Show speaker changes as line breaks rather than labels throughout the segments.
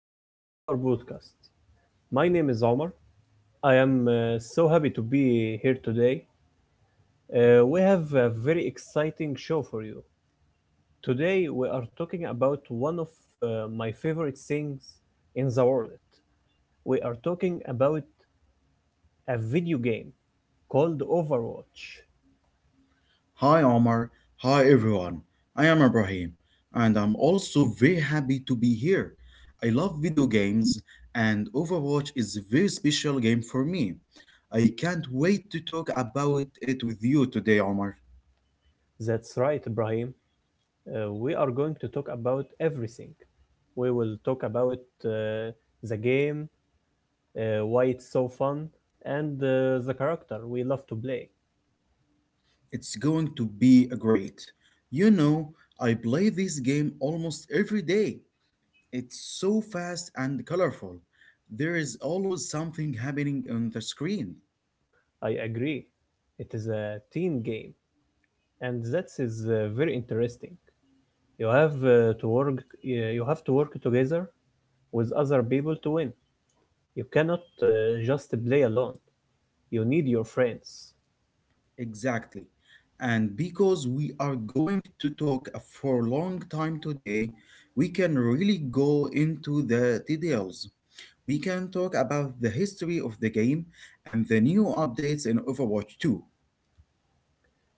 Welcome to our podcast. My name is Omar. I am so happy to be here today. We have a very exciting show for you. Today, we are talking about one of my favorite things in the world. We are talking about a video game called Overwatch.
Hi Omar, hi everyone. I am Ibrahim and I'm also very happy to be here. I love video games and Overwatch is a very special game for me. I can't wait to talk about it with you today, Omar.
That's right, Ibrahim. We are going to talk about everything. We will talk about uh, the game, why it's so fun, and the character we love to play.
It's going to be a great. You know, I play this game almost every day. It's so fast and colorful. There is always something happening on the screen.
I agree. It is a team game, and that is very interesting. You have uh, to work. You have to work together with other people to win. You cannot just play alone. You need your friends.
Exactly. And because we are going to talk for a long time today, we can really go into the details. We can talk about the history of the game and the new updates in Overwatch 2.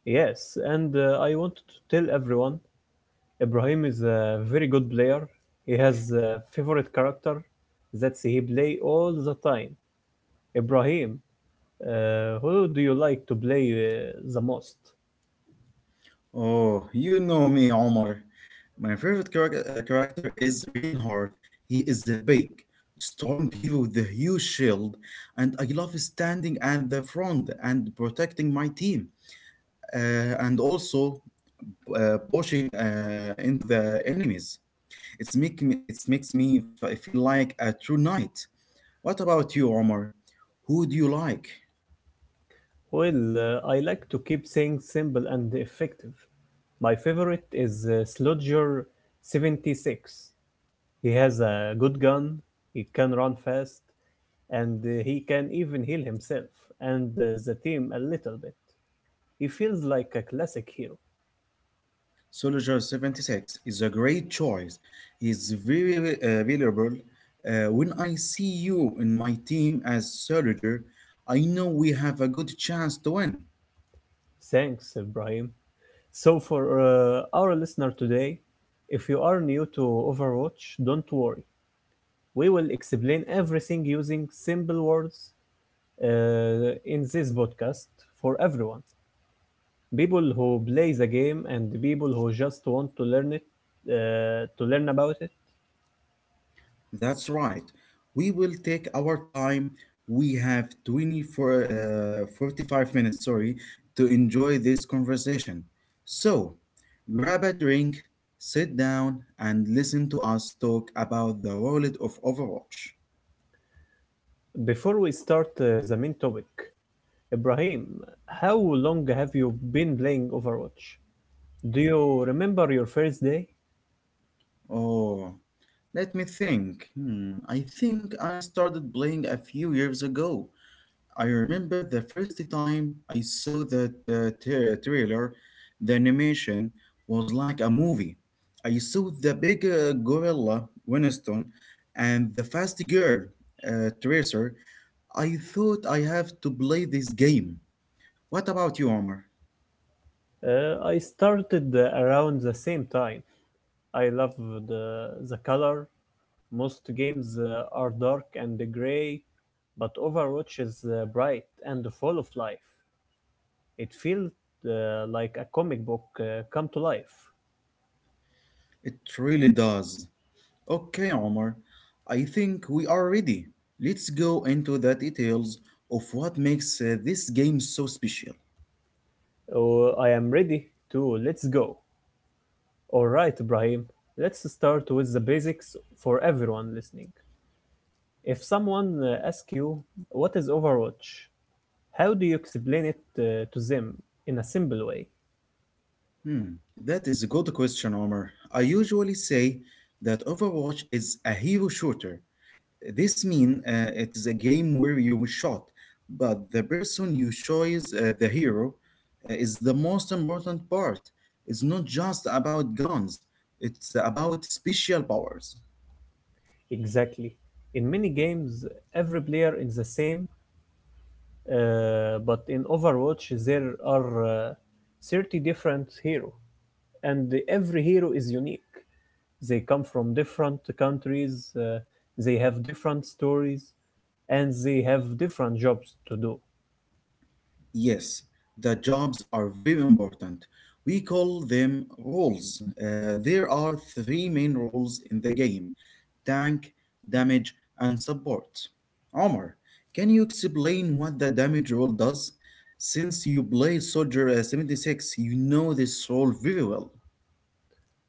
Yes, and I want to tell everyone Ibrahim is a very good player. He has a favorite character that he play all the time. Ibrahim, who do you like to play the most?
Oh, you know me, Omar. My favorite character is Reinhardt. He is a big, strong hero with a huge shield, and I love standing at the front and protecting my team. And also, pushing into the enemies. It makes me feel like a true knight. What about you, Omar? Who do you like?
Well, I like to keep things simple and effective. My favorite is Slodger 76. He has a good gun, he can run fast, and he can even heal himself and the team a little bit. He feels like a classic hero.
Soldier 76 is a great choice. He's very valuable. When I see you in my team as soldier, I know we have a good chance to win.
Thanks, Ibrahim. So, for our listener today, if you are new to Overwatch, don't worry. We will explain everything using simple words in this podcast for everyone. People who play the game and people who just want to learn it, to learn about it.
That's right. We will take our time. We have 20 for uh, 45 minutes, sorry, to enjoy this conversation. So, grab a drink, sit down, and listen to us talk about the world of Overwatch.
Before we start the main topic, Ibrahim, how long have you been playing Overwatch? Do you remember your first day?
Oh, let me think. Hmm, I think I started playing a few years ago. I remember the first time I saw that trailer, the animation was like a movie. I saw the big gorilla Winston and the fast girl Tracer. I thought I have to play this game. What about you, Omar?
I started around the same time. I loved the color. Most games are dark and gray, but Overwatch is bright and full of life. It feels like a comic book come to life.
It really does. Okay, Omar, I think we are ready. Let's go into the details of what makes this game so special.
Oh, I am ready to let's go. All right, Ibrahim, let's start with the basics for everyone listening. If someone asks you, what is Overwatch? How do you explain it to them in a simple way?
Hmm, that is a good question, Omar. I usually say that Overwatch is a hero shooter. This means it is a game where you shot, but the person you choose, the hero, is the most important part. It's not just about guns, it's about special powers.
Exactly. In many games, every player is the same. But in Overwatch, there are 30 different hero, and every hero is unique. They come from different countries, they have different stories, and they have different jobs to do.
Yes, the jobs are very important. We call them roles. There are three main roles in the game: tank, damage, and support. Omar, can you explain what the damage role does? Since you play Soldier 76, you know this role very well.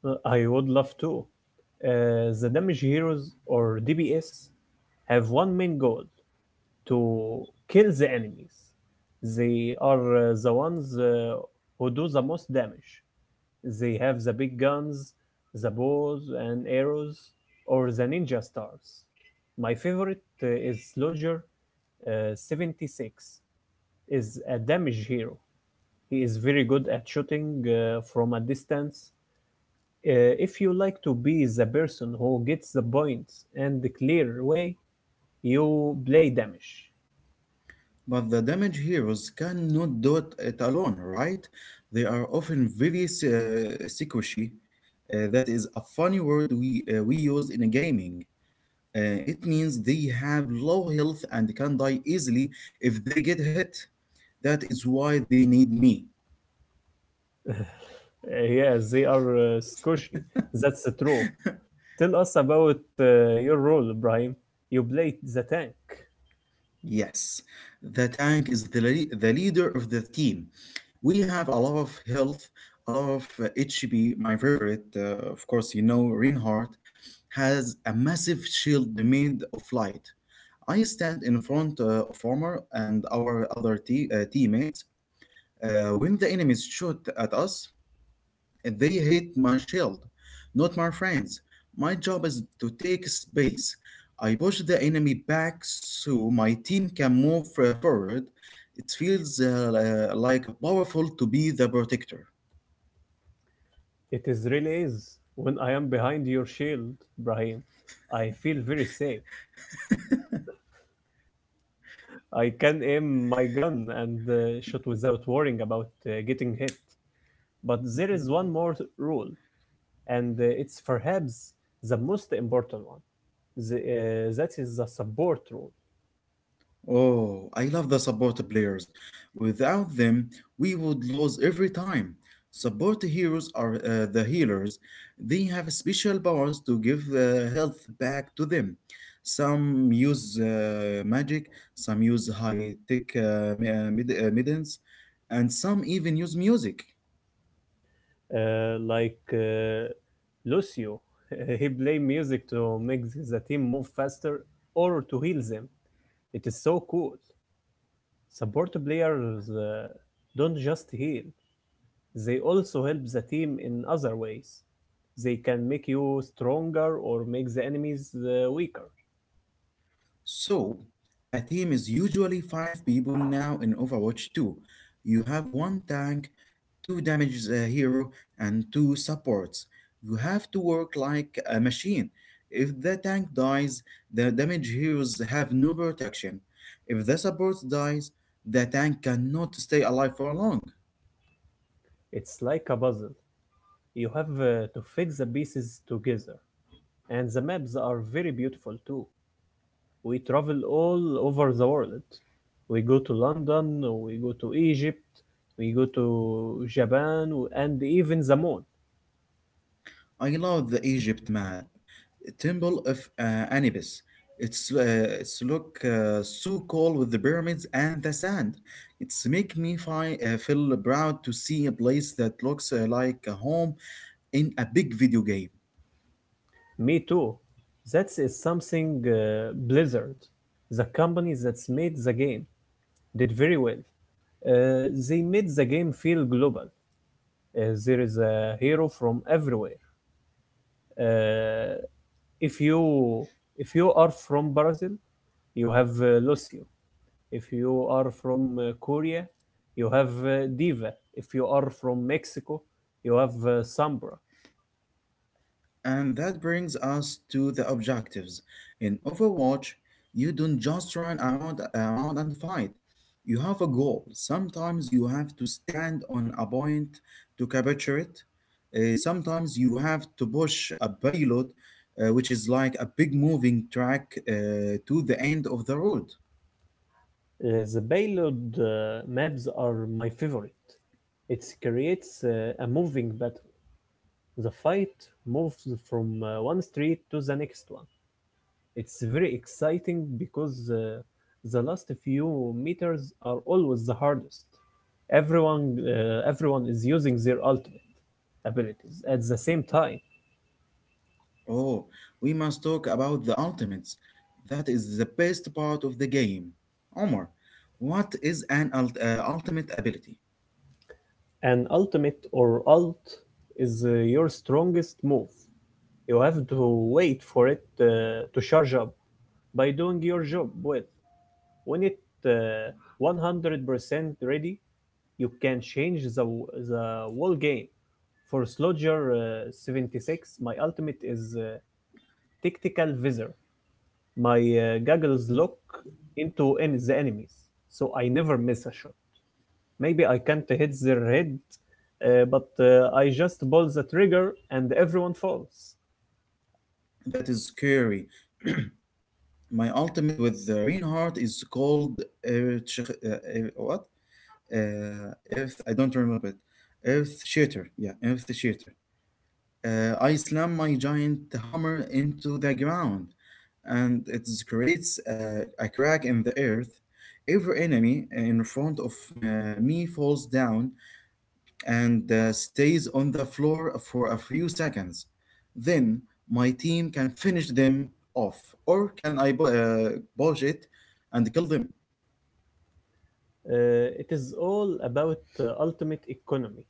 I would love to. Uh, the damage heroes or DPS have one main goal, to kill the enemies. They are the ones who do the most damage. They have the big guns, the bows and arrows, or the ninja stars. My favorite is Slodger 76, is a damage hero. He is very good at shooting from a distance. Uh, if you like to be the person who gets the points and clear way, you play damage.
But the damage heroes cannot do it alone, right? They are often very squishy. That is a funny word we use in gaming. It means they have low health and can die easily if they get hit. That is why they need me.
Yeah, they are squishy. That's true. Tell us about your role, Brian. You played the tank.
Yes, the tank is the leader of the team. We have a lot of health, a lot of HP. My favorite, of course, you know, Reinhardt has a massive shield made of light. I stand in front of Farmer and our other teammates. When the enemies shoot at us, they hate my shield, not my friends. My job is to take space. I push the enemy back so my team can move forward. It feels like powerful to be the protector.
It is really is. When I am behind your shield, Brahim, I feel very safe. I can aim my gun and shoot without worrying about getting hit. But there is one more rule, and it's perhaps the most important one. That is the support rule.
Oh, I love the support players. Without them, we would lose every time. Support heroes are the healers. They have special powers to give health back to them. Some use magic, some use high tech middens, and some even use music.
Uh, like uh, Lucio, he play music to make the team move faster or to heal them. It is so cool. Support players don't just heal, they also help the team in other ways. They can make you stronger or make the enemies weaker.
So, a team is usually 5 people now in Overwatch 2. You have one tank, two damage hero, and two supports. You have to work like a machine. If the tank dies, the damage heroes have no protection. If the support dies, the tank cannot stay alive for long.
It's like a puzzle. You have to fit the pieces together. And the maps are very beautiful too. We travel all over the world. We go to London, we go to Egypt, we go to Japan, and even the moon.
I love the Egypt myth. Temple of Anubis. It's look so cool with the pyramids and the sand. It's make me feel proud to see a place that looks like a home in a big video game.
Me too. That is something Blizzard, the company that's made the game, did very well. They made the game feel global. There is a hero from everywhere. Uh, if you if you are from Brazil, you have Lucio. If you are from Korea, you have Diva. If you are from Mexico, you have Sambra.
And that brings us to the objectives. In Overwatch, you don't just run around and fight. You have a goal. Sometimes you have to stand on a point to capture it. Sometimes you have to push a payload, which is like a big moving track to the end of the road.
The payload maps are my favorite. It creates a moving battle. The fight moves from one street to the next one. It's very exciting because the last few meters are always the hardest. Everyone is using their ultimate abilities at the same time.
Oh, we must talk about the ultimates. That is the best part of the game. Omar, what is an ultimate ability?
An ultimate or alt is your strongest move. You have to wait for it to charge up by doing your job well. When it uh, 100% ready, you can change the whole game. For Slodger 76, my ultimate is Tactical Visor. My goggles lock into the enemies, so I never miss a shot. Maybe I can't hit their head, but I just pull the trigger and everyone falls.
That is scary. My ultimate with Reinhardt is called Earth, uh, Earth- what? Earth. I don't remember it. Earth Shatter. Yeah, Earth Shatter. I slam my giant hammer into the ground, and it creates a crack in the earth. Every enemy in front of me falls down, and stays on the floor for a few seconds. Then my team can finish them off, or can I botch it and kill them?
It is all about ultimate economy.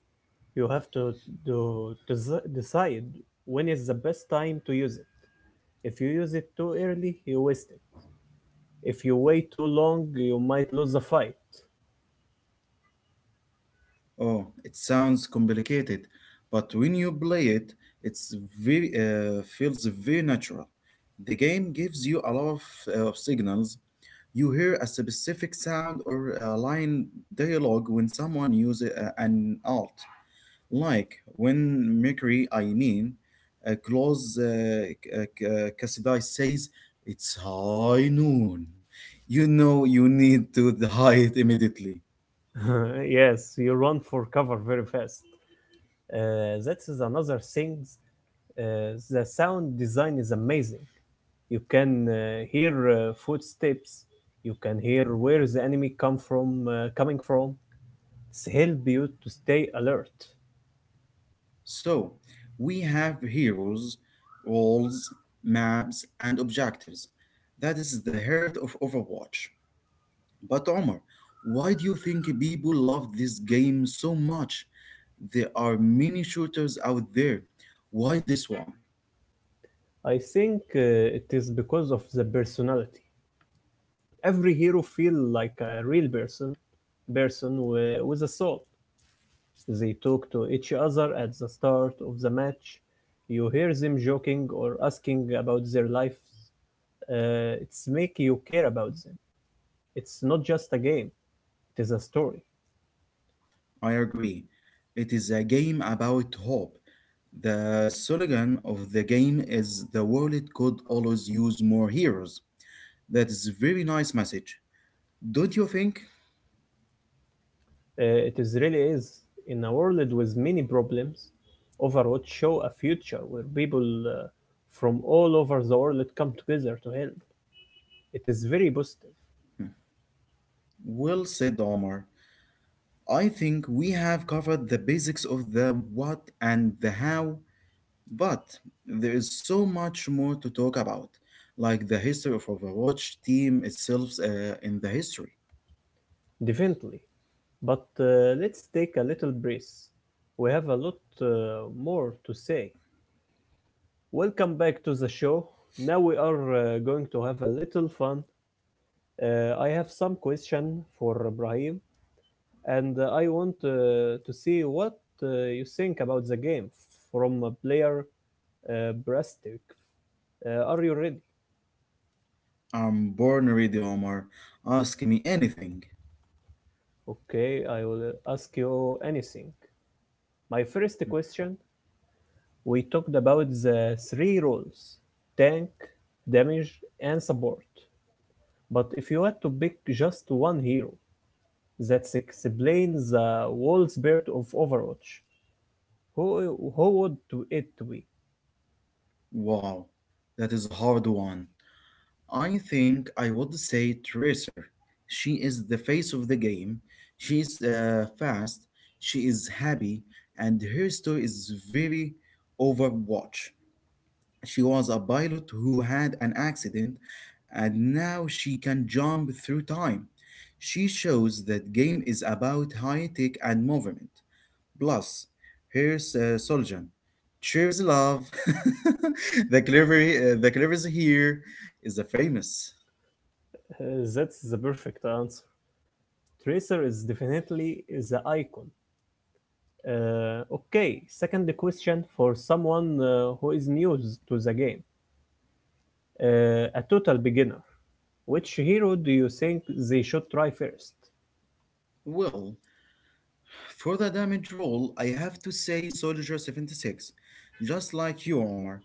You have to desi decide when is the best time to use it. If you use it too early, you waste it. If you wait too long, you might lose the fight.
Oh, it sounds complicated, but when you play it, it's very feels very natural. The game gives you a lot of, signals. You hear a specific sound or a line dialogue when someone uses an alt. Like when Mercury, I mean, Claus K- K- Cassidy says, "It's high noon." You know you need to hide immediately.
Yes, you run for cover very fast. That is another thing. The sound design is amazing. You can hear footsteps. You can hear where the enemy coming from. Help you to stay alert.
So we have heroes, roles, maps, and objectives. That is the heart of Overwatch. But Omar, why do you think people love this game so much? There are many shooters out there. Why this one?
I think it is because of the personality. Every hero feels like a real person, with a soul. They talk to each other at the start of the match. You hear them joking or asking about their lives. It's make you care about them. It's not just a game; it is a story.
I agree. It is a game about hope. The slogan of the game is "the world could always use more heroes." That is a very nice message. Don't you think?
It is really is. In a world with many problems, Overwatch show a future where people from all over the world come together to help. It is very positive,
Hmm. Well said, Omar. I think we have covered the basics of the what and the how, but there is so much more to talk about, like the history of Overwatch team itself in the history.
definitely. But let's take a little breath. We have a lot more to say. Welcome back to the show. Now we are going to have a little fun. I have some question for Ibrahim, and I want to see what you think about the game from a player perspective. Are you ready?
I'm born ready, Omar. Ask me anything.
Okay, I will ask you anything. My first question: we talked about the three roles: tank, damage, and support. But if you had to pick just one hero that explains the whole spirit of Overwatch, who would it be?
Wow, that is a hard one. I think I would say Tracer. She is the face of the game. She is fast, she is happy, and her story is very Overwatch. She was a pilot who had an accident, and now she can jump through time. She shows that game is about high tech and movement. Plus, here's Soljan. "Cheers, love." The cleverest here is the famous.
That's the perfect answer. Tracer is definitely the icon. Okay, second question: for someone who is new to the game, a total beginner. Which hero do you think they should try first?
Well, for the damage roll, I have to say Soldier 76. Just like you, Omar,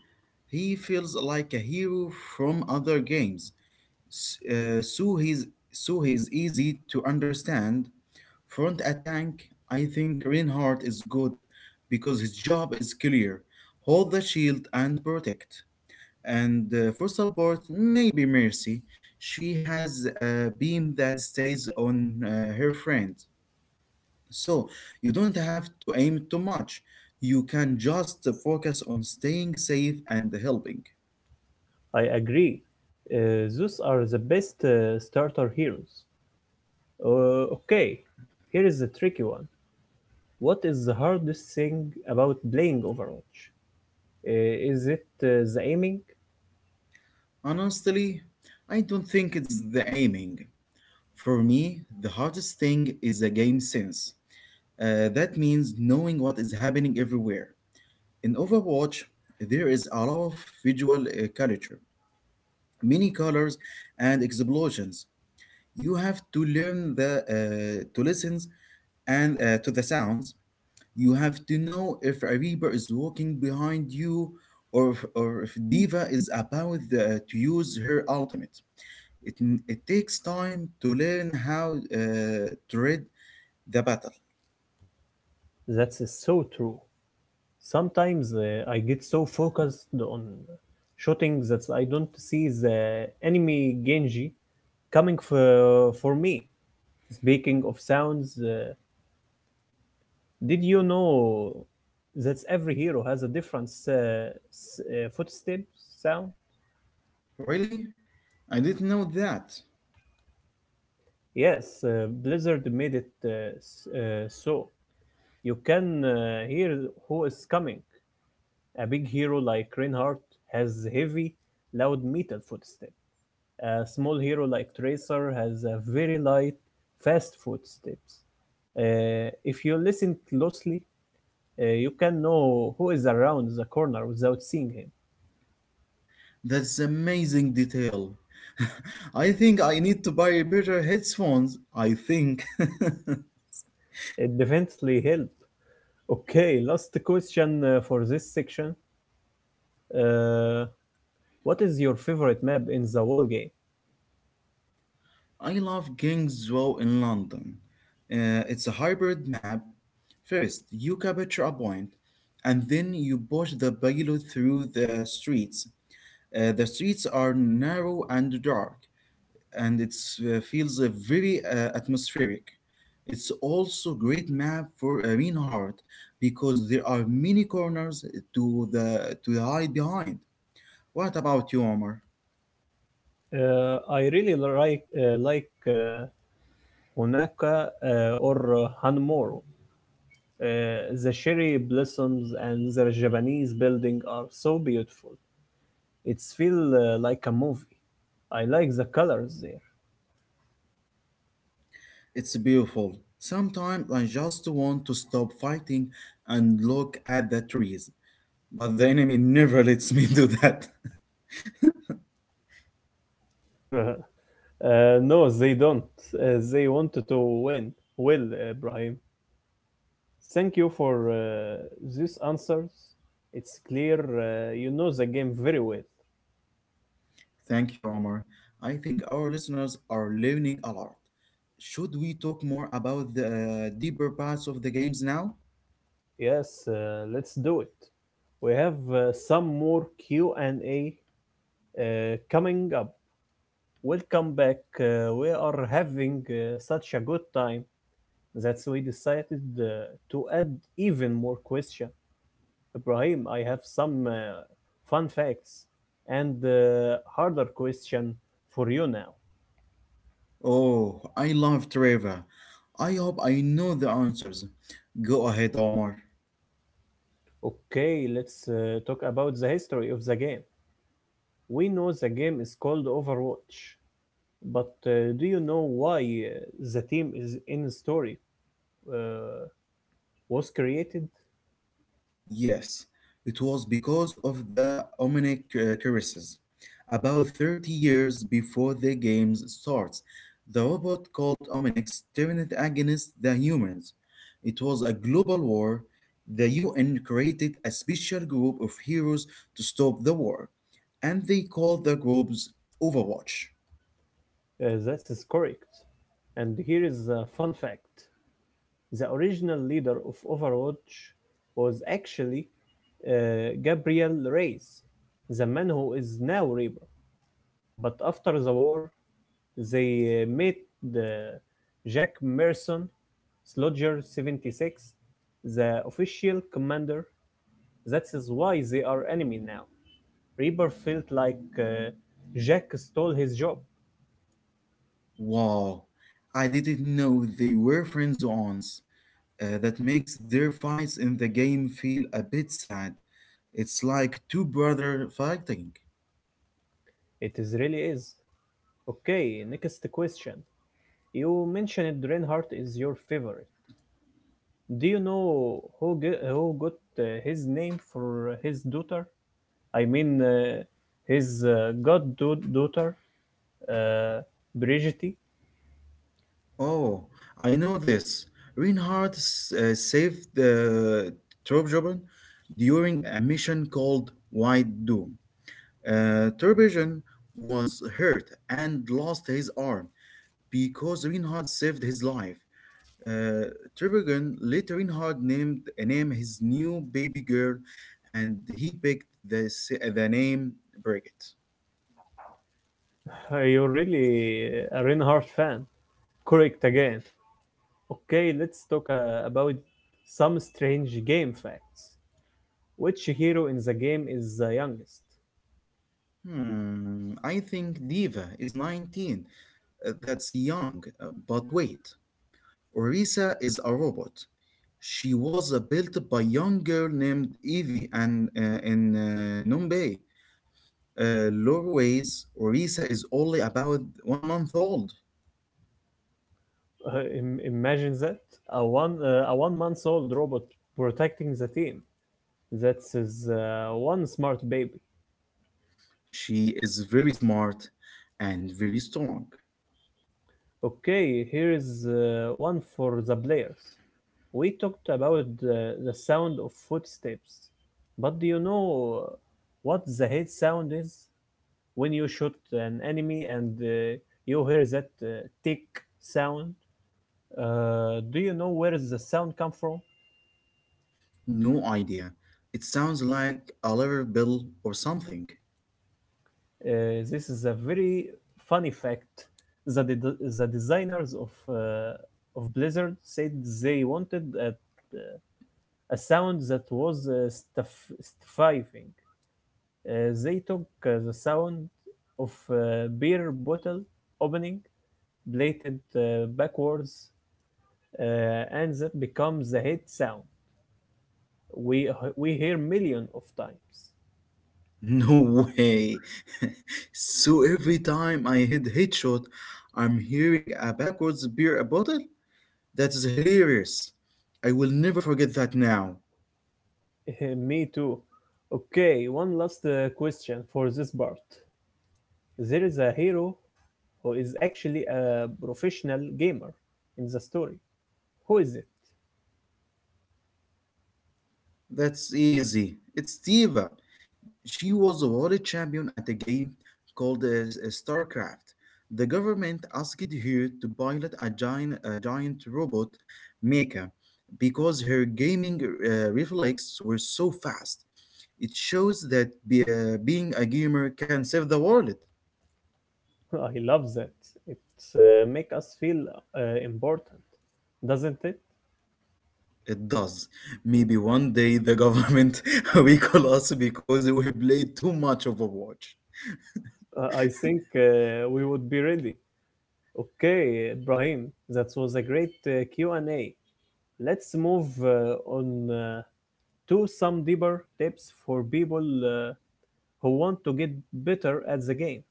he feels like a hero from other games. S- uh, so he's so he's easy to understand. Front attack, I think Reinhardt is good because his job is clear. Hold the shield and protect. And for support, maybe mercy. She has a beam that stays on her friend. So you don't have to aim too much. You can just focus on staying safe and helping.
I agree. Those are the best starter heroes. Okay, here is the tricky one. What is the hardest thing about playing Overwatch? Is it the aiming?
Honestly, I don't think it's the aiming. For me, the hardest thing is the game sense. That means knowing what is happening everywhere. In Overwatch, there is a lot of visual culture, many colors and explosions. You have to learn the to listen and to the sounds. You have to know if a reaper is walking behind you, or if diva is about to use her ultimate. It it takes time to learn how to read the battle.
That's so true. Sometimes I get so focused on shooting that I don't see the enemy Genji coming for me. Speaking of sounds, did you know that every hero has a different footstep sound?
Really, I didn't know that.
Yes, Blizzard made it so you can hear who is coming. A big hero like Reinhardt has heavy, loud metal footsteps. A small hero like Tracer has a very light, fast footsteps. If you listen closely, you can know who is around the corner without seeing him.
That's amazing detail. I think I need to buy better headphones. I think.
It definitely helps. Okay, last question for this section. Uh, what is your favorite map in the whole game?
I love Kingsway in London. It's a hybrid map. First, you capture a point, and then you push the payload through the streets. The streets are narrow and dark, and it feels very atmospheric. It's also great map for a mean heart because there are many corners to hide behind. What about you, Omar?
I really like Hunaka or Hanmoro. The cherry blossoms and the Japanese building are so beautiful. It's feel like a movie. I like the colors there.
It's beautiful. Sometimes I just want to stop fighting and look at the trees, but the enemy never lets me do that.
Uh-huh. No, they don't. They want to win. Well, Brahim, thank you for these answers. It's clear you know the game very well.
Thank you, Omar. I think our listeners are learning a lot. Should we talk more about the deeper parts of the games now?
Yes, let's do it. We have some more Q&A uh, coming up. Welcome back. We are having such a good time that we decided to add even more question. Ibrahim, I have some fun facts and harder question for you now.
Oh, I love Trevor. I hope I know the answers. Go ahead, Omar.
Okay, let's talk about the history of the game. We know the game is called Overwatch, but do you know why uh, the team is in story uh, was created?
Yes, it was because of the Omnic curses. About 30 years before the game starts, the robot called Omnix turned against the humans. It was a global war. The UN created a special group of heroes to stop the war, and they called the groups Overwatch.
That is correct. And here is a fun fact. The original leader of Overwatch was actually Gabriel Reyes, the man who is now Reaper, but after the war they made the Jack Merson Slodger 76 the official commander. That is why they are enemy now. Reaper felt like Jack stole his job.
Wow, I didn't know they were friends once. That makes their fights in the game feel a bit sad. It's like two brothers fighting.
It is really is. Okay, next question. You mentioned Reinhardt is your favorite. Do you know who who got his name for his daughter? I mean, uh, his goddaughter, uh, Brigitte.
Oh, I know this. Reinhardt saved the Turbojobin during a mission called White Doom. Turbojobin was hurt and lost his arm because Reinhardt saved his life. Uh, Turbojobin later Reinhardt named name his new baby girl, and he picked the name Brigitte.
You're really a Reinhardt fan. Correct again. Okay, let's talk about some strange game facts. Which hero in the game is the youngest?
Hmm, I think Diva is 19. That's young, but wait. Orisa is a robot. She was built by a young girl named Evie and in Numbay. Lore ways, Orisa is only about 1 month old.
Imagine that a 1 month old robot protecting the team. That's his one smart baby.
She is very smart and very strong.
Okay, here is one for the players. We talked about the sound of footsteps, but do you know what the hit sound is? When you shoot an enemy and you hear that tick sound, do you know where the sound comes from?
No idea. It sounds like a lever bill or something.
This is a very funny fact. The designers of uh, of Blizzard said they wanted a sound that was stuffing. They took the sound of a beer bottle opening, played it backwards, uh, and that becomes the hit sound we we hear million of times.
No way. So every time I hit headshot, I'm hearing a backwards beer bottle. That is hilarious. I will never forget that now.
Me too. Okay, one last question for this part. There is a hero who is actually a professional gamer in the story. Who is it?
That's easy. It's Diva. She was a world champion at a game called StarCraft. The government asked her to pilot a giant robot mecha because her gaming reflexes were so fast. It shows that being a gamer can save the world.
I love that. It makes us feel important, doesn't it?
It does. Maybe one day the government will call us because we played too much Overwatch.
I think we would be ready. Okay, Ibrahim, that was a great Q&A. Let's move on to some deeper tips for people who want to get better at the game.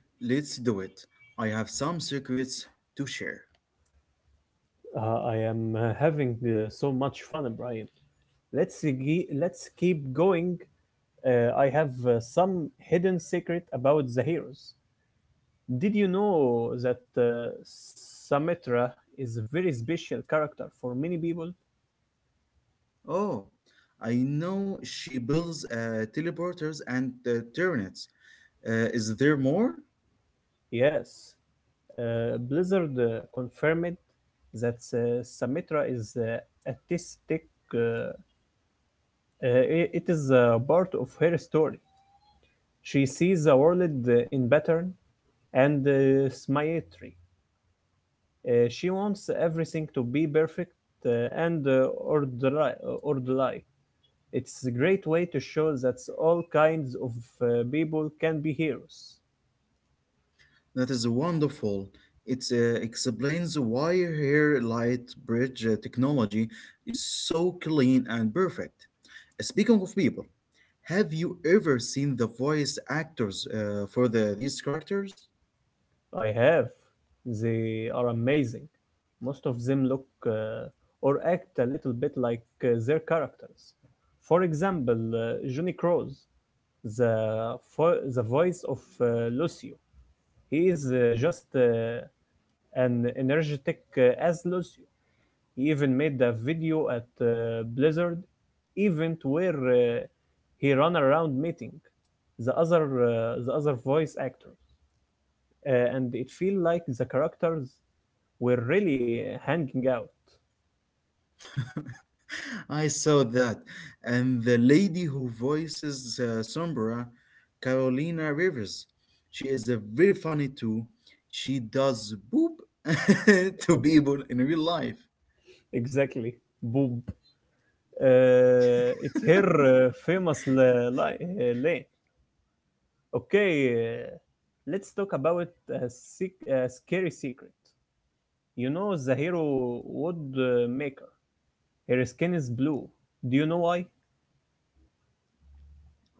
Let's do it. I have some secrets to share.
I am having so much fun, Ibrahim. Let's keep going. I have some hidden secret about the heroes. Did you know that Sumitra is a very special character for many people?
Oh, I know she builds teleporters and turnets. Is there more?
Yes, Blizzard confirmed that Symmetra is artistic. Uh, it is part of her story. She sees the world in pattern and symmetry. She wants everything to be perfect and orderly. It's a great way to show that all kinds of people can be heroes.
That is wonderful. It explains why her light bridge technology is so clean and perfect. Speaking of people, have you ever seen the voice actors for these characters?
I have. They are amazing. Most of them look or act a little bit like their characters. For example, Johnny Crows, the voice of Lucio. He is just an energetic as Lucio. He even made a video at Blizzard event where he ran around meeting the other voice actors, and it feel like the characters we're really hanging out.
I saw that, and the lady who voices Sombra, Carolina Rivers, she is very funny too. She does boop to people in real life.
Exactly. Boob. It's her famous lane. Okay, let's talk about a scary secret. You know the hero wood maker. Her skin is blue. Do you know why?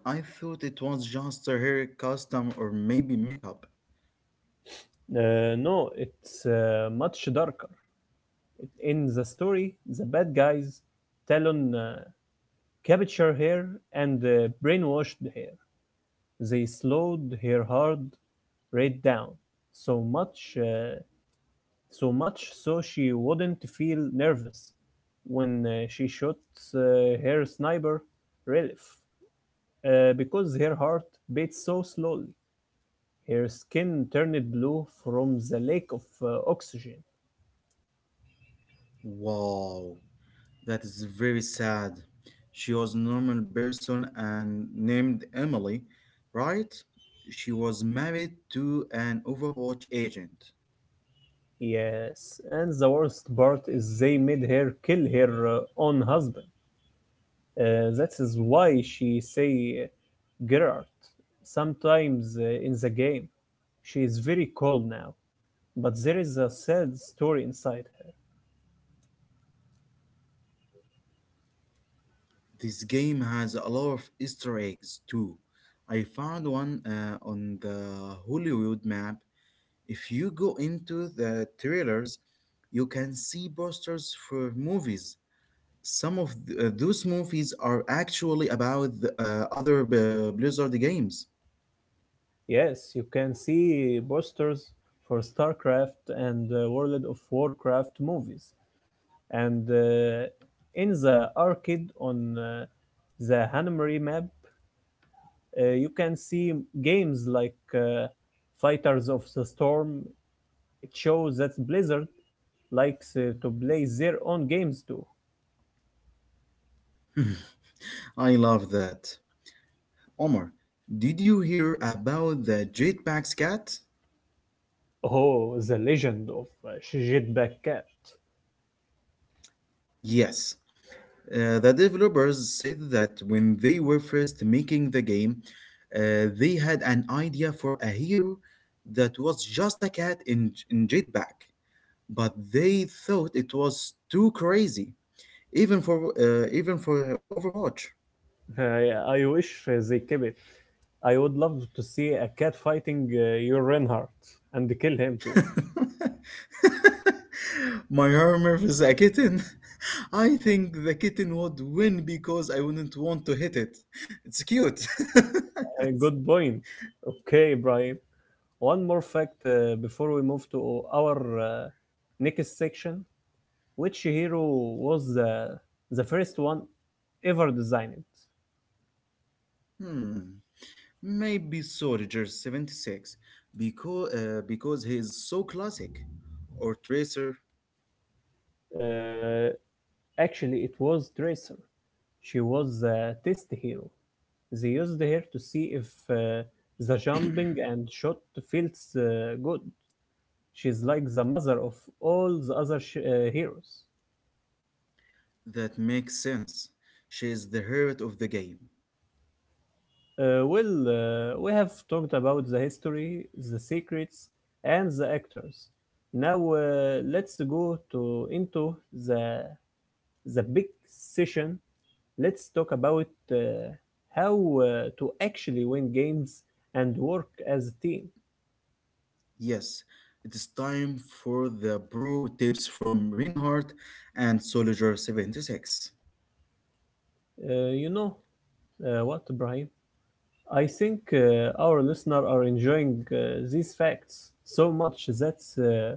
I thought it was just her hair custom or maybe makeup.
No, it's much darker. In the story, the bad guys Talon captured her and brainwashed her. They slowed her heart rate down, so much uh, so much so she wouldn't feel nervous when she shot her sniper relief, because her heart beat so slowly. Her skin turned blue from the lack of oxygen.
Wow, that is very sad. She was a normal person and named Emily, right? She was married to an Overwatch agent.
Yes, and the worst part is they made her kill her own husband. That is why she say Gerard sometimes in the game. She is very cold now, but there is a sad story inside her.
This game has a lot of Easter eggs too. I found one on the Hollywood map. If you go into the trailers, you can see posters for movies. Some of those movies are actually about other Blizzard games.
Yes, you can see posters for StarCraft and World of Warcraft movies. And in the arcade on the Hanamari map, you can see games like Fighters of the Storm. It shows that Blizzard likes to play their own games too.
I love that. Omar, did you hear about the Jetpack's cat?
Oh, the legend of Jetpack Cat.
Yes. The developers said that when they were first making the game, they had an idea for a hero that was just a cat in Jetpack, but they thought it was too crazy, even for even for Overwatch.
Yeah, I wish they keep it. I would love to see a cat fighting your Reinhardt and kill him too.
My armor is a kitten. I think the kitten would win because I wouldn't want to hit it. It's cute.
Good point. Okay, Brian. One more fact before we move to our next section. Which hero was the first one ever designed?
hmm. Maybe Soldier 76, because he is so classic. Or Tracer.
Uh, Actually, it was Tracer. She was a test hero. They used her to see if the jumping and shot feels good. She's like the mother of all the other heroes.
That makes sense. She is the heart of the game.
Well, we have talked about the history, the secrets, and the actors. Now let's go to into the the big session. Let's talk about how uh, to actually win games and work as a team.
Yes, it is time for the brew tips from Reinhardt and Soldier 76.
You know what, Brian? I think our listener are enjoying these facts so much that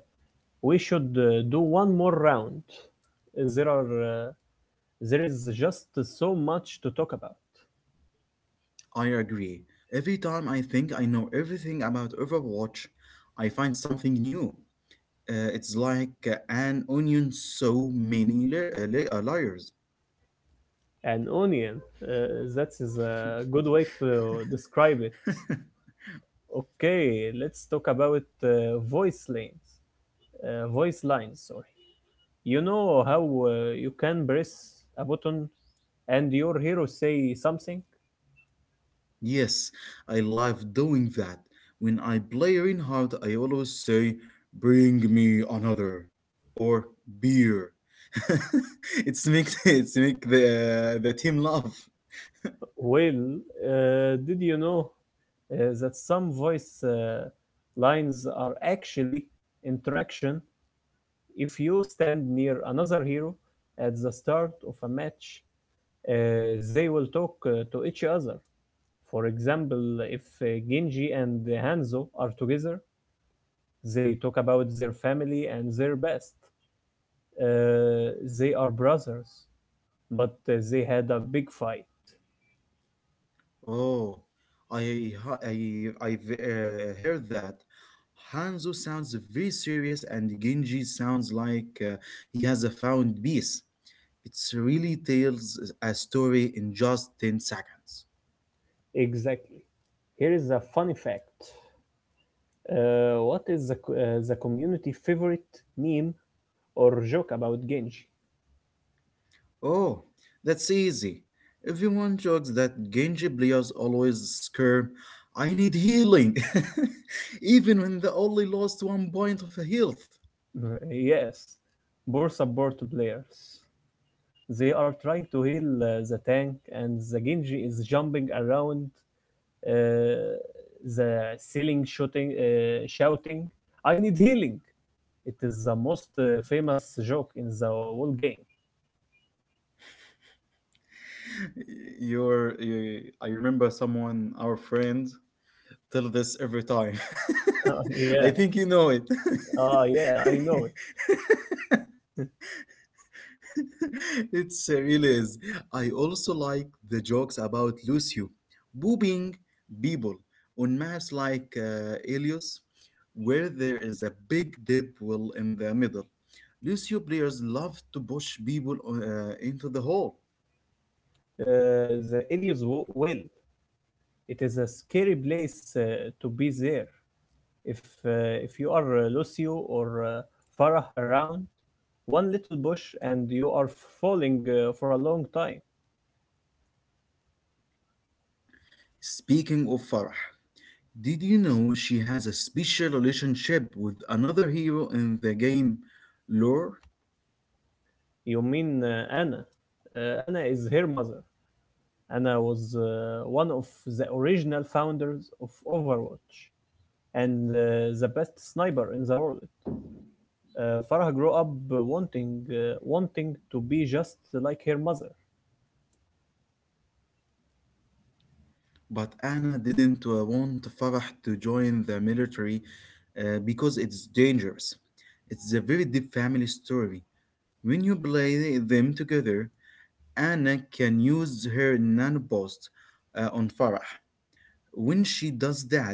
we should do one more round. Uh, There are uh, there is just so much to talk about.
I agree. Every time I think I know everything about Overwatch, I find something new. It's like an onion, so many layers.
An onion. That is a good way to describe it. Okay, let's talk about voice lanes. Voice lines, sorry. You know how you can press a button and your hero say something?
Yes, I love doing that. When I play Reinhardt, I always say, "Bring me another," or "Beer." it's make it's make the team laugh.
Well, did you know that some voice lines are actually interaction? If you stand near another hero at the start of a match, they will talk to each other. For example, if Genji and Hanzo are together, they talk about their family and their best. Uh, they are brothers, but they had a big fight.
Oh, I I've heard that. Hanzo sounds very serious, and Genji sounds like he has a found peace. It's really tells a story in just 10 seconds.
Exactly. Here is a funny fact. What is the community favorite meme or joke about Genji?
Oh, that's easy. Everyone jokes that Genji players always scream, "I need healing," even when they only lost one point of health.
Yes, poor support players. They are trying to heal the tank, and the Genji is jumping around uh, the ceiling, shouting, "I need healing!" It is the most famous joke in the whole game.
I remember someone, our friend, tell this every time.
Uh, yeah,
I think you know it.
yeah, I know it.
It really is. I also like the jokes about Lucio boobing people on maps like Elios, where there is a big deep well in the middle. Lucio players love to push people into the hole.
The Ilios will. It is a scary place to be there. If if you are Lucio or Farah around, one little bush and you are falling for a long time.
Speaking of Farah, did you know she has a special relationship with another hero in the game lore?
You mean Anna? Anna is her mother. Anna was one of the original founders of Overwatch and the best sniper in the world. Farah grew up wanting wanting to be just like her mother.
But Anna didn't want Farah to join the military because it's dangerous. It's a very deep family story. When you play them together, Anna can use her nanobots on Farah. When she does that,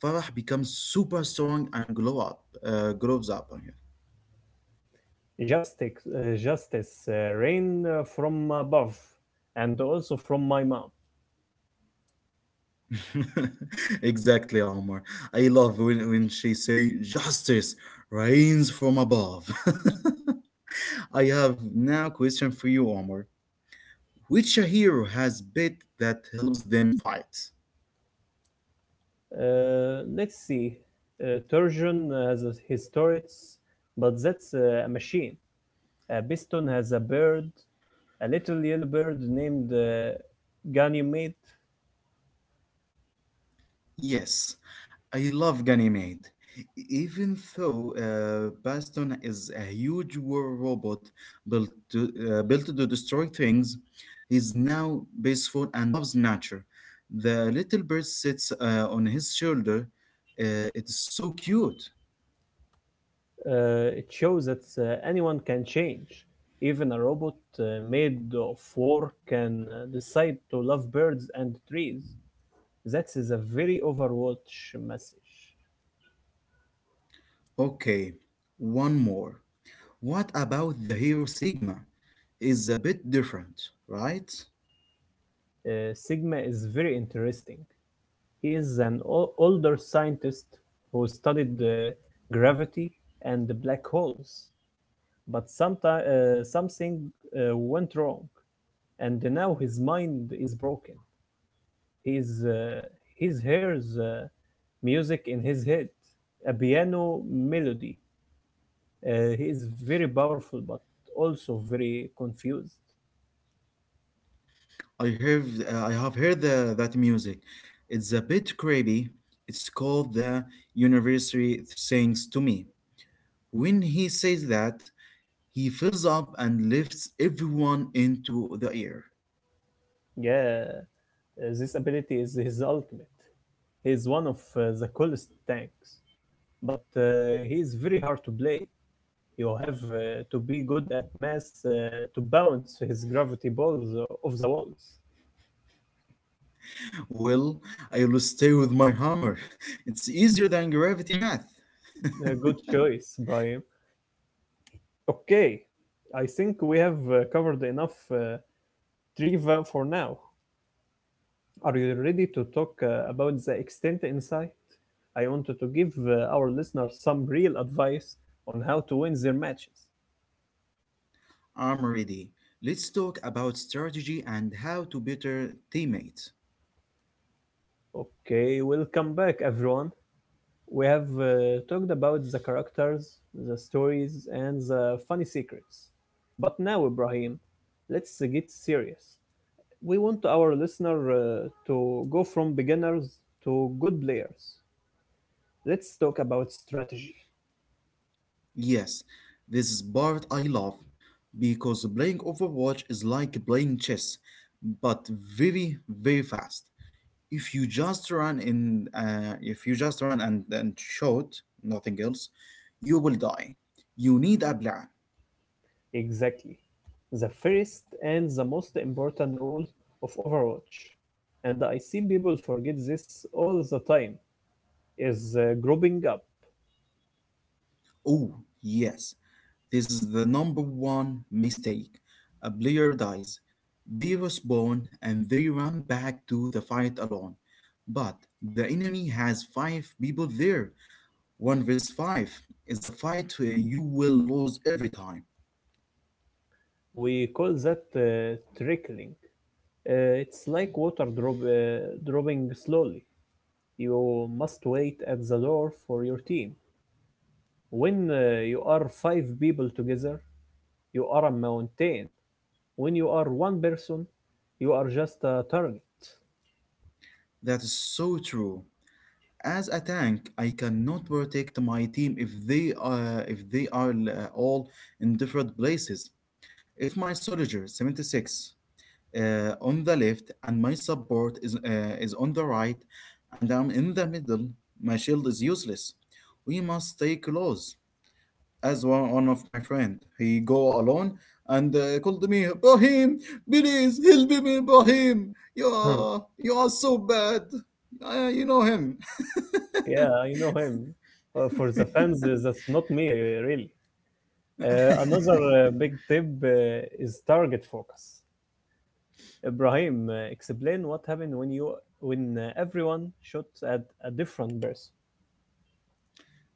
Farah becomes super strong and glow up, grows up on
Justice rain from above and also from my mom.
her. Exactly, Omar. I love when she say justice reigns from above. I have now question for you, Omar. Which hero has bit that helps them fight?
Let's see. Turgeon has his turrets, but that's a machine. Biston has a bird, a little yellow bird named Ganymede.
Yes, I love Ganymede. E-, even though Baston is a huge war robot built to, built to destroy things, he's now peaceful and loves nature. The little bird sits on his shoulder. It's so cute.
It shows that anyone can change. Even a robot made of war can decide to love birds and trees. That is a very Overwatch message.
Okay, one more. What about the hero Sigma? Is a bit different, right?
Sigma is very interesting. He is an older scientist who studied gravity and the black holes, but something went wrong, and now his mind is broken. His He hears music in his head, a piano melody. He is very powerful, but also very confused.
I have heard that music. It's a bit creepy. It's called the University Sings to Me. When he says that, he fills up and lifts everyone into the air.
Yeah, this ability is his ultimate. He is one of the coolest tanks, but he is very hard to play. You have to be good at math to bounce his gravity balls off the walls.
Well, I will stay with my hammer. It's easier than gravity math.
Good choice, Brian. Okay, I think we have covered enough trivia for now. Are you ready to talk about the extent insight? I wanted to give our listeners some real advice on how to win their matches.
I'm ready. Let's talk about strategy and how to better teammates.
Okay, welcome back, everyone. We have talked about the characters, the stories, and the funny secrets. But now, Ibrahim, let's get serious. We want our listener to go from beginners to good players. Let's talk about strategy.
Yes, this is part I love because playing Overwatch is like playing chess, but very, very fast. If you just run in, if you just run and shoot, nothing else, you will die. You need a plan.
Exactly. The first and the most important rule of Overwatch, and I see people forget this all the time, is grouping up.
Oh, yes, this is the number one mistake. A player dies. They respawn and they run back to the fight alone. But the enemy has five people there. One versus five is a fight where you will lose every time.
We call that trickling. It's like water dropping slowly. You must wait at the door for your team. When you are five people together, you are a mountain. When you are one person, you are just a target.
That is so true. As a tank, I cannot protect my team if they are all in different places. If my soldier 76 uh, on the left and my support is on the right, and I'm in the middle, my shield is useless. We must stay close. As one of my friend. He go alone and called me, Brahim, please help me, Brahim.
Hmm.
You are so bad. You know him.
Yeah, I know him. For the fans, that's not me, really. Another big tip is target focus. Ibrahim, explain what happened when you when everyone shoots at a different person,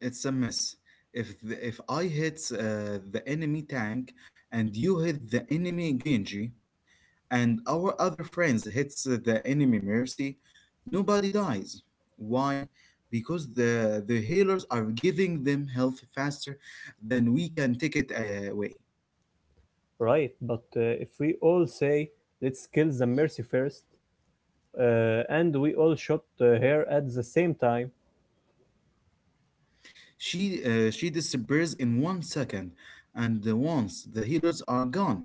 It's a mess. If I hit the enemy tank and you hit the enemy Genji, and our other friends hits the enemy mercy, nobody dies. Why? Because the healers are giving them health faster than we can take it away.
right? But if we all say let's kill the mercy first, and we all shot her at the same time,
She disappears in 1 second, and once the healers are gone,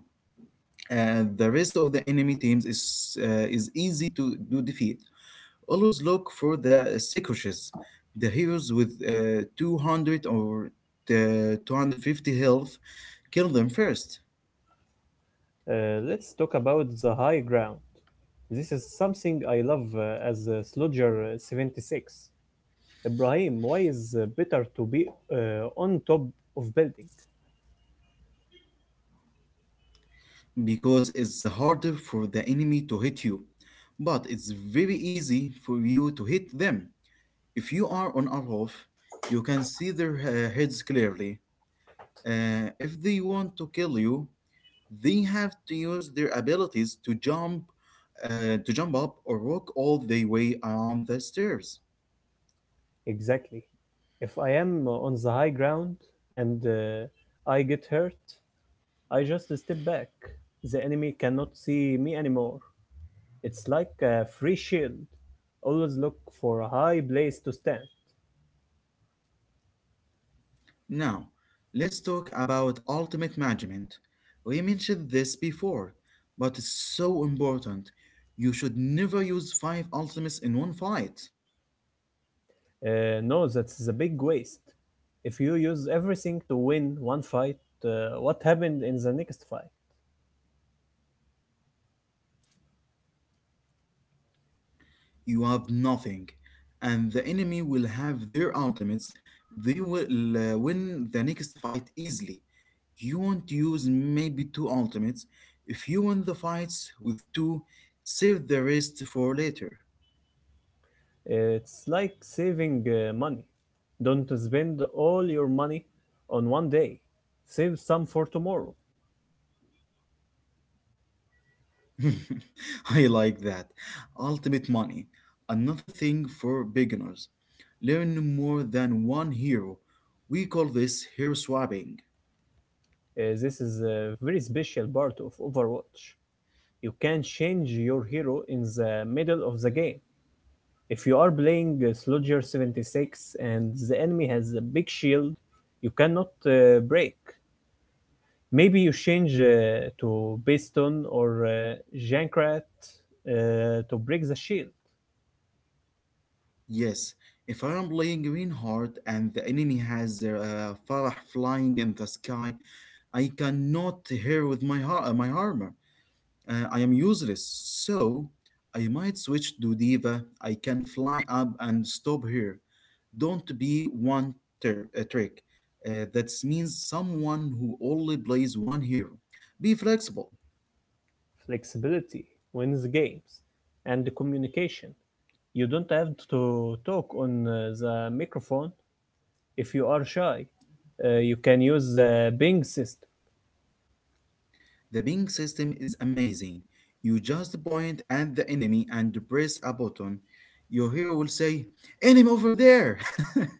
the rest of the enemy teams is easy to defeat. Always look for the Seikoshes, the heroes with 200 or the 250 health. Kill them first,
let's talk about the high ground. This is something I love as a Slodger 76. Ibrahim, why is better to be on top of building?
because it's harder for the enemy to hit you. But it's very easy for you to hit them. If you are on a you can see their heads clearly. If they want to kill you, they have to use their abilities to jump up or walk all the way around the stairs.
Exactly. If I am on the high ground and I get hurt, I just step back. The enemy cannot see me anymore. It's like a free shield. Always look for a high place to stand.
Now, let's talk about ultimate management. We mentioned this before, but it's so important. You should never use five ultimates in one fight.
No, that's a big waste. If you use everything to win one fight, what happened in the next fight?
You have nothing, and the enemy will have their ultimates. They will win the next fight easily. You won't use maybe two ultimates. If you win the fights with two, save the rest for later.
It's like saving money. Don't spend all your money on one day. Save some for tomorrow.
I like that. Ultimate money. Another thing for beginners. Learn more than one hero. We call this hero swapping.
This is a very special part of Overwatch. You can change your hero in the middle of the game. If you are playing Soldier 76 and the enemy has a big shield, you cannot break. Maybe you change to Baston or Jankrat to break the shield.
Yes, if I am playing Greenheart and the enemy has their Farah flying in the sky, I cannot hero with my armor. I am useless, so I might switch to Diva. I can fly up and stop here. Don't be a trick. That means someone who only plays one hero. Be flexible.
Flexibility wins games and the communication. You don't have to talk on the microphone if you are shy. You can use the Bing system.
The ping system is amazing. You just point at the enemy and press a button. Your hero will say, Enemy over there!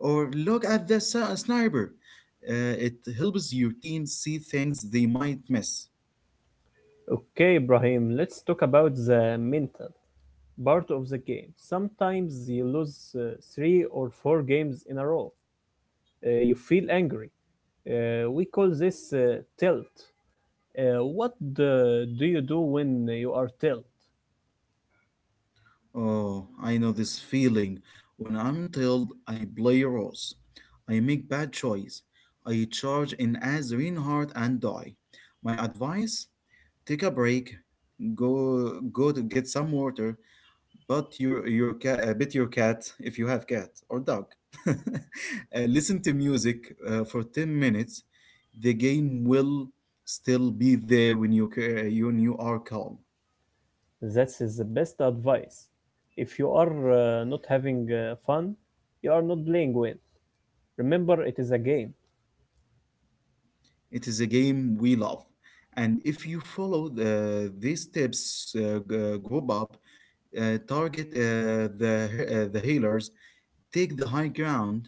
Or look at the sniper. It helps your team see things they might miss.
Okay, Ibrahim, let's talk about the mental part of the game. Sometimes you lose three or four games in a row. You feel angry. We call this tilt. What do you do when you are tilt?
Oh, I know this feeling. When I'm told I play roles, I make bad choice. I charge in as Reinhardt and die. My advice: take a break, go to get some water, but your cat, bit your cat if you have cat or dog. Listen to music for 10 minutes. The game will still be there when you are calm.
That's is the best advice. If you are not having fun, you are not playing well. Remember, it is a game.
It is a game we love. And if you follow these tips, group up, target the healers, take the high ground,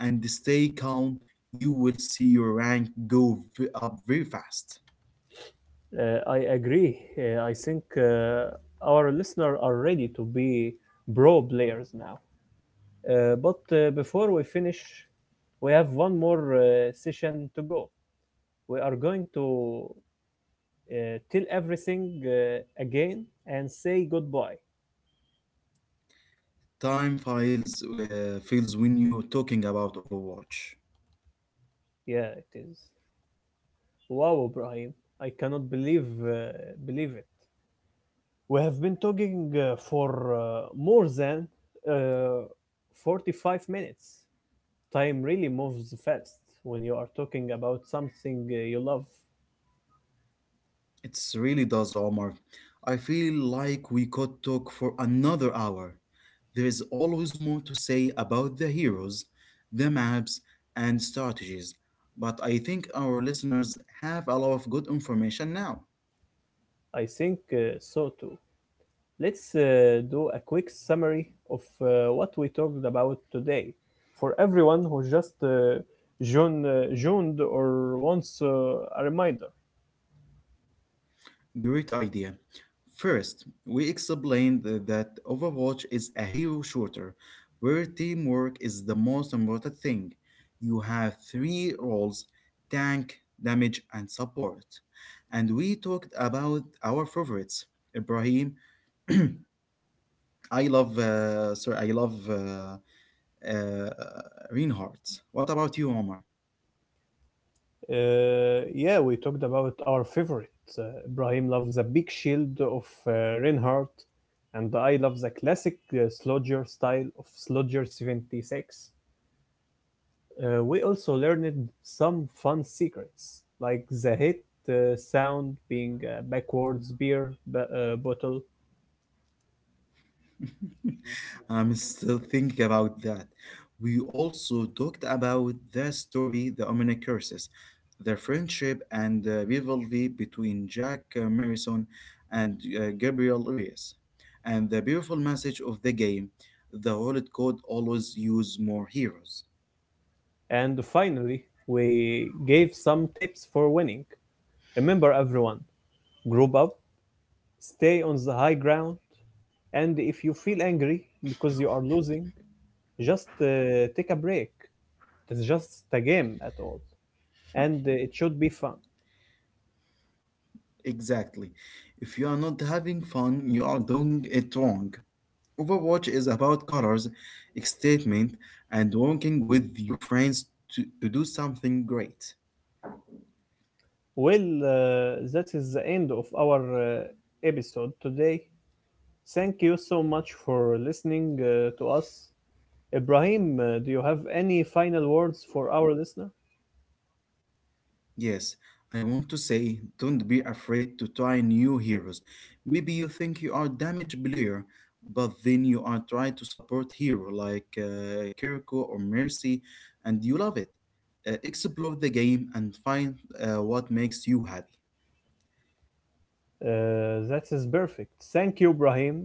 and stay calm, you will see your rank go up very fast.
I agree. I think our listeners are ready to be pro players now. But before we finish, we have one more session to go. We are going to uh, tell everything again and say goodbye.
Time files feels when you're talking about Overwatch.
Yeah, it is. Wow, Ibrahim, I cannot believe it. We have been talking for more than uh, 45 minutes. Time really moves fast when you are talking about something you love.
It really does, Omar. I feel like we could talk for another hour. There is always more to say about the heroes, the maps, and strategies, but I think our listeners have a lot of good information now.
I think so too. Let's do a quick summary of what we talked about today for everyone who just joined, joined or wants a reminder.
Great idea. First, we explained that Overwatch is a hero shooter where teamwork is the most important thing. You have three roles: tank, damage, and support. And we talked about our favorites. Ibrahim, I love, uh, sorry, I love uh, Reinhardt. What about you, Omar?
Yeah, we talked about our favorite. Ibrahim loves the big shield of Reinhardt, and I love the classic Slodger style of Slodger 76. We also learned some fun secrets, like the hit sound being a backwards beer bottle.
I'm still thinking about that. We also talked about the story, the Omni Curses, the friendship and the rivalry between Jack Morrison and Gabriel Reyes, and the beautiful message of the game. The Holy Code always use more heroes.
And finally, we gave some tips for winning. Remember, everyone, group up, stay on the high ground, and if you feel angry because you are losing, just take a break. It's just a game at all, and it should be fun.
Exactly. If you are not having fun, you are doing it wrong. Overwatch is about colors, statement, and working with your friends to do something great.
Well, that is the end of our episode today. Thank you so much for listening to us. Ibrahim, do you have any final words for our listener?
Yes, I want to say don't be afraid to try new heroes. Maybe you think you are damaged player, but then you are trying to support hero like Kiriko or Mercy, and you love it. Explore the game and find what makes you happy.
That is perfect. Thank you, Ibrahim.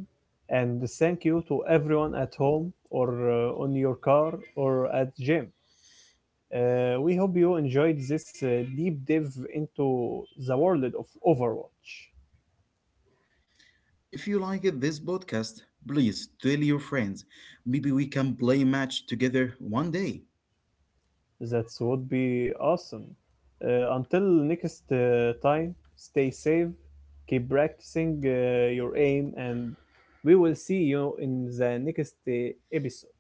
And thank you to everyone at home or on your car or at gym. We hope you enjoyed this deep dive into the world of Overwatch.
If you like it, this podcast, please tell your friends. Maybe we can play a match together one day.
That would be awesome. Until next time, stay safe, keep practicing your aim, and we will see you in the next episode.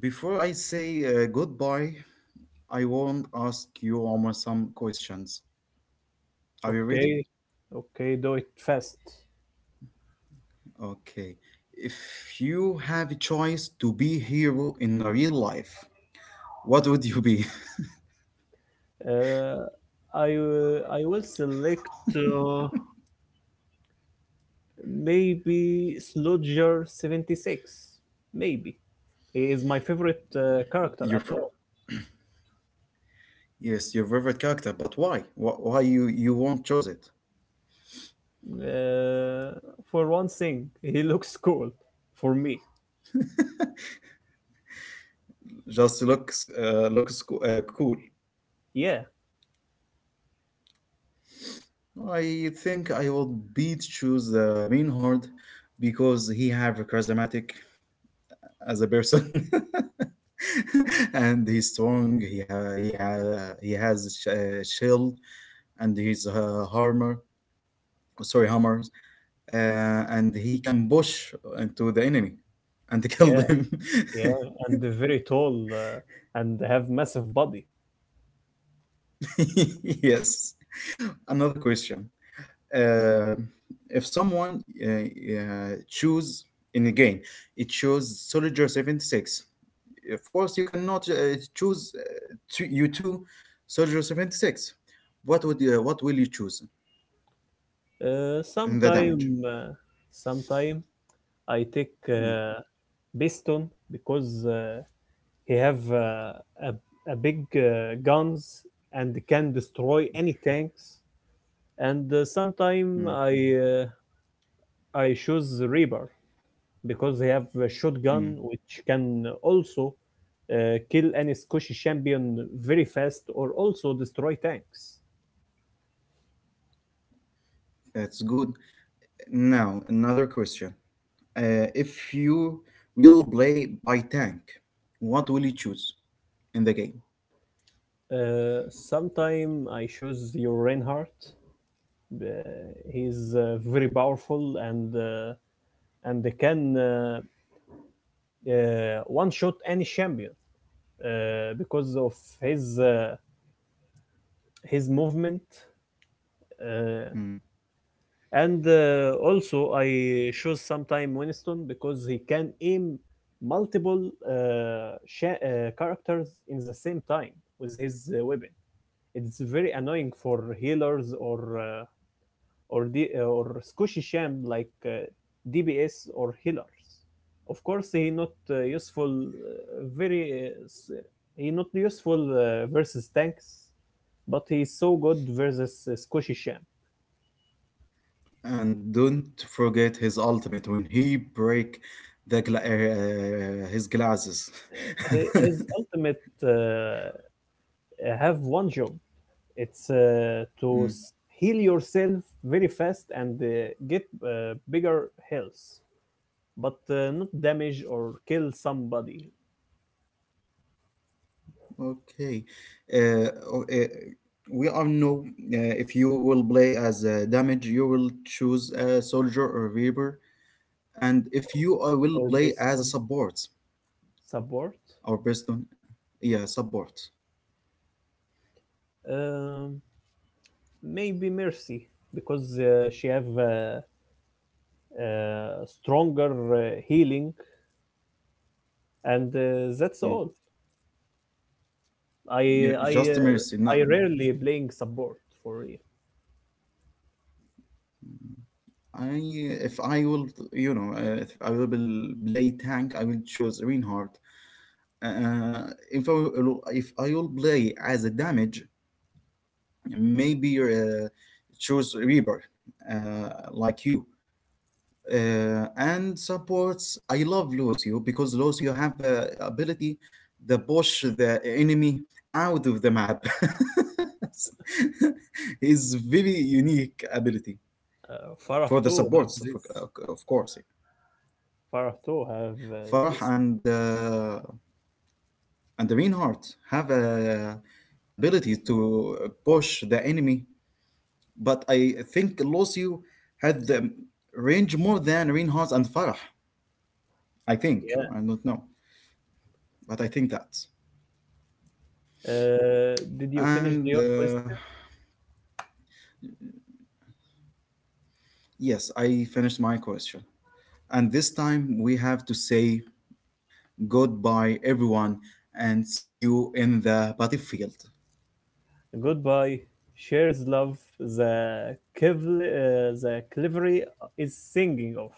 Before I say goodbye, I won't ask you Omar some questions. Are you ready?
Okay, okay, do it fast.
Okay. If you have a choice to be hero in a real life, what would you be?
Uh, I will select uh, maybe Sludger 76. Maybe he is my favorite character
Your
at
fir-
all.
yes, your favorite character, but why? Why you won't choose it?
Uh, for one thing, he looks cool for me.
Just looks cool.
Yeah,
I think I will be to choose Reinhardt because he have a charismatic as a person. And he's strong. He has a shield and his armor. Sorry, hammer. uh, and he can push into the enemy and kill
yeah,
them.
yeah, and very tall and have massive body.
Yes. Another question: uh, If someone choose in a game, it chose Soldier 76. Of course, you cannot choose two, you two Soldier 76. What will you choose
Uh,
in the damage?
sometime, uh, sometime I take
Mm,
Biston because he have a big guns and can destroy any tanks. And uh, sometime
mm,
I uh, I choose Reaper because they have a shotgun
mm.
which can also kill any Scottish champion very fast or also destroy tanks.
That's good. Now another question. If you will play by tank, what will you choose in the game?
Uh, Sometime I choose your Reinhardt. Uh, he's very powerful and they can one shot any champion because of his uh, his movement. Uh,
Hmm.
and also I chose sometime Winston because he can aim multiple characters in the same time with his weapon. It's very annoying for healers or or squishy sham like DBS or healers. Of course, he not useful. He not useful versus tanks, but he's so good versus squishy sham.
And don't forget his ultimate when he break the his glasses.
His ultimate have one job, it's
Mm.
heal yourself very fast and get bigger health but not damage or kill somebody
Okay. Uh, o- uh, we all know if you will play as a damage, you will choose a soldier or reaper, and if you will
or
play
based
as a
on
support
support
or piston, yeah, support.
um, maybe mercy because she have stronger healing and that's
Hmm.
all. i
You
i
just
uh,
mercy no.
I rarely playing support for real.
I if I will you know if I will play tank I will choose Reinhardt. uh, uh, if I will, if I will play as a damage, maybe choose Reaper, uh, like you. And supports, I love Lucio because Lucio have the ability to push the enemy out of the map. It's very unique ability.
Farah
For the
too have
supports
this.
uh, of course yeah.
Far too have
Farah
this.
and the Reinhardt have a ability to push the enemy, but I think Lucio had the range more than Reinhardt and Farah. I think
Yeah.
I don't know, but I think that.
Did you finish
And
your question?
Yes, I finished my question, and this time we have to say goodbye everyone, and see you in the battlefield.
Goodbye. Shares love the Kevli, the Clivery is singing of.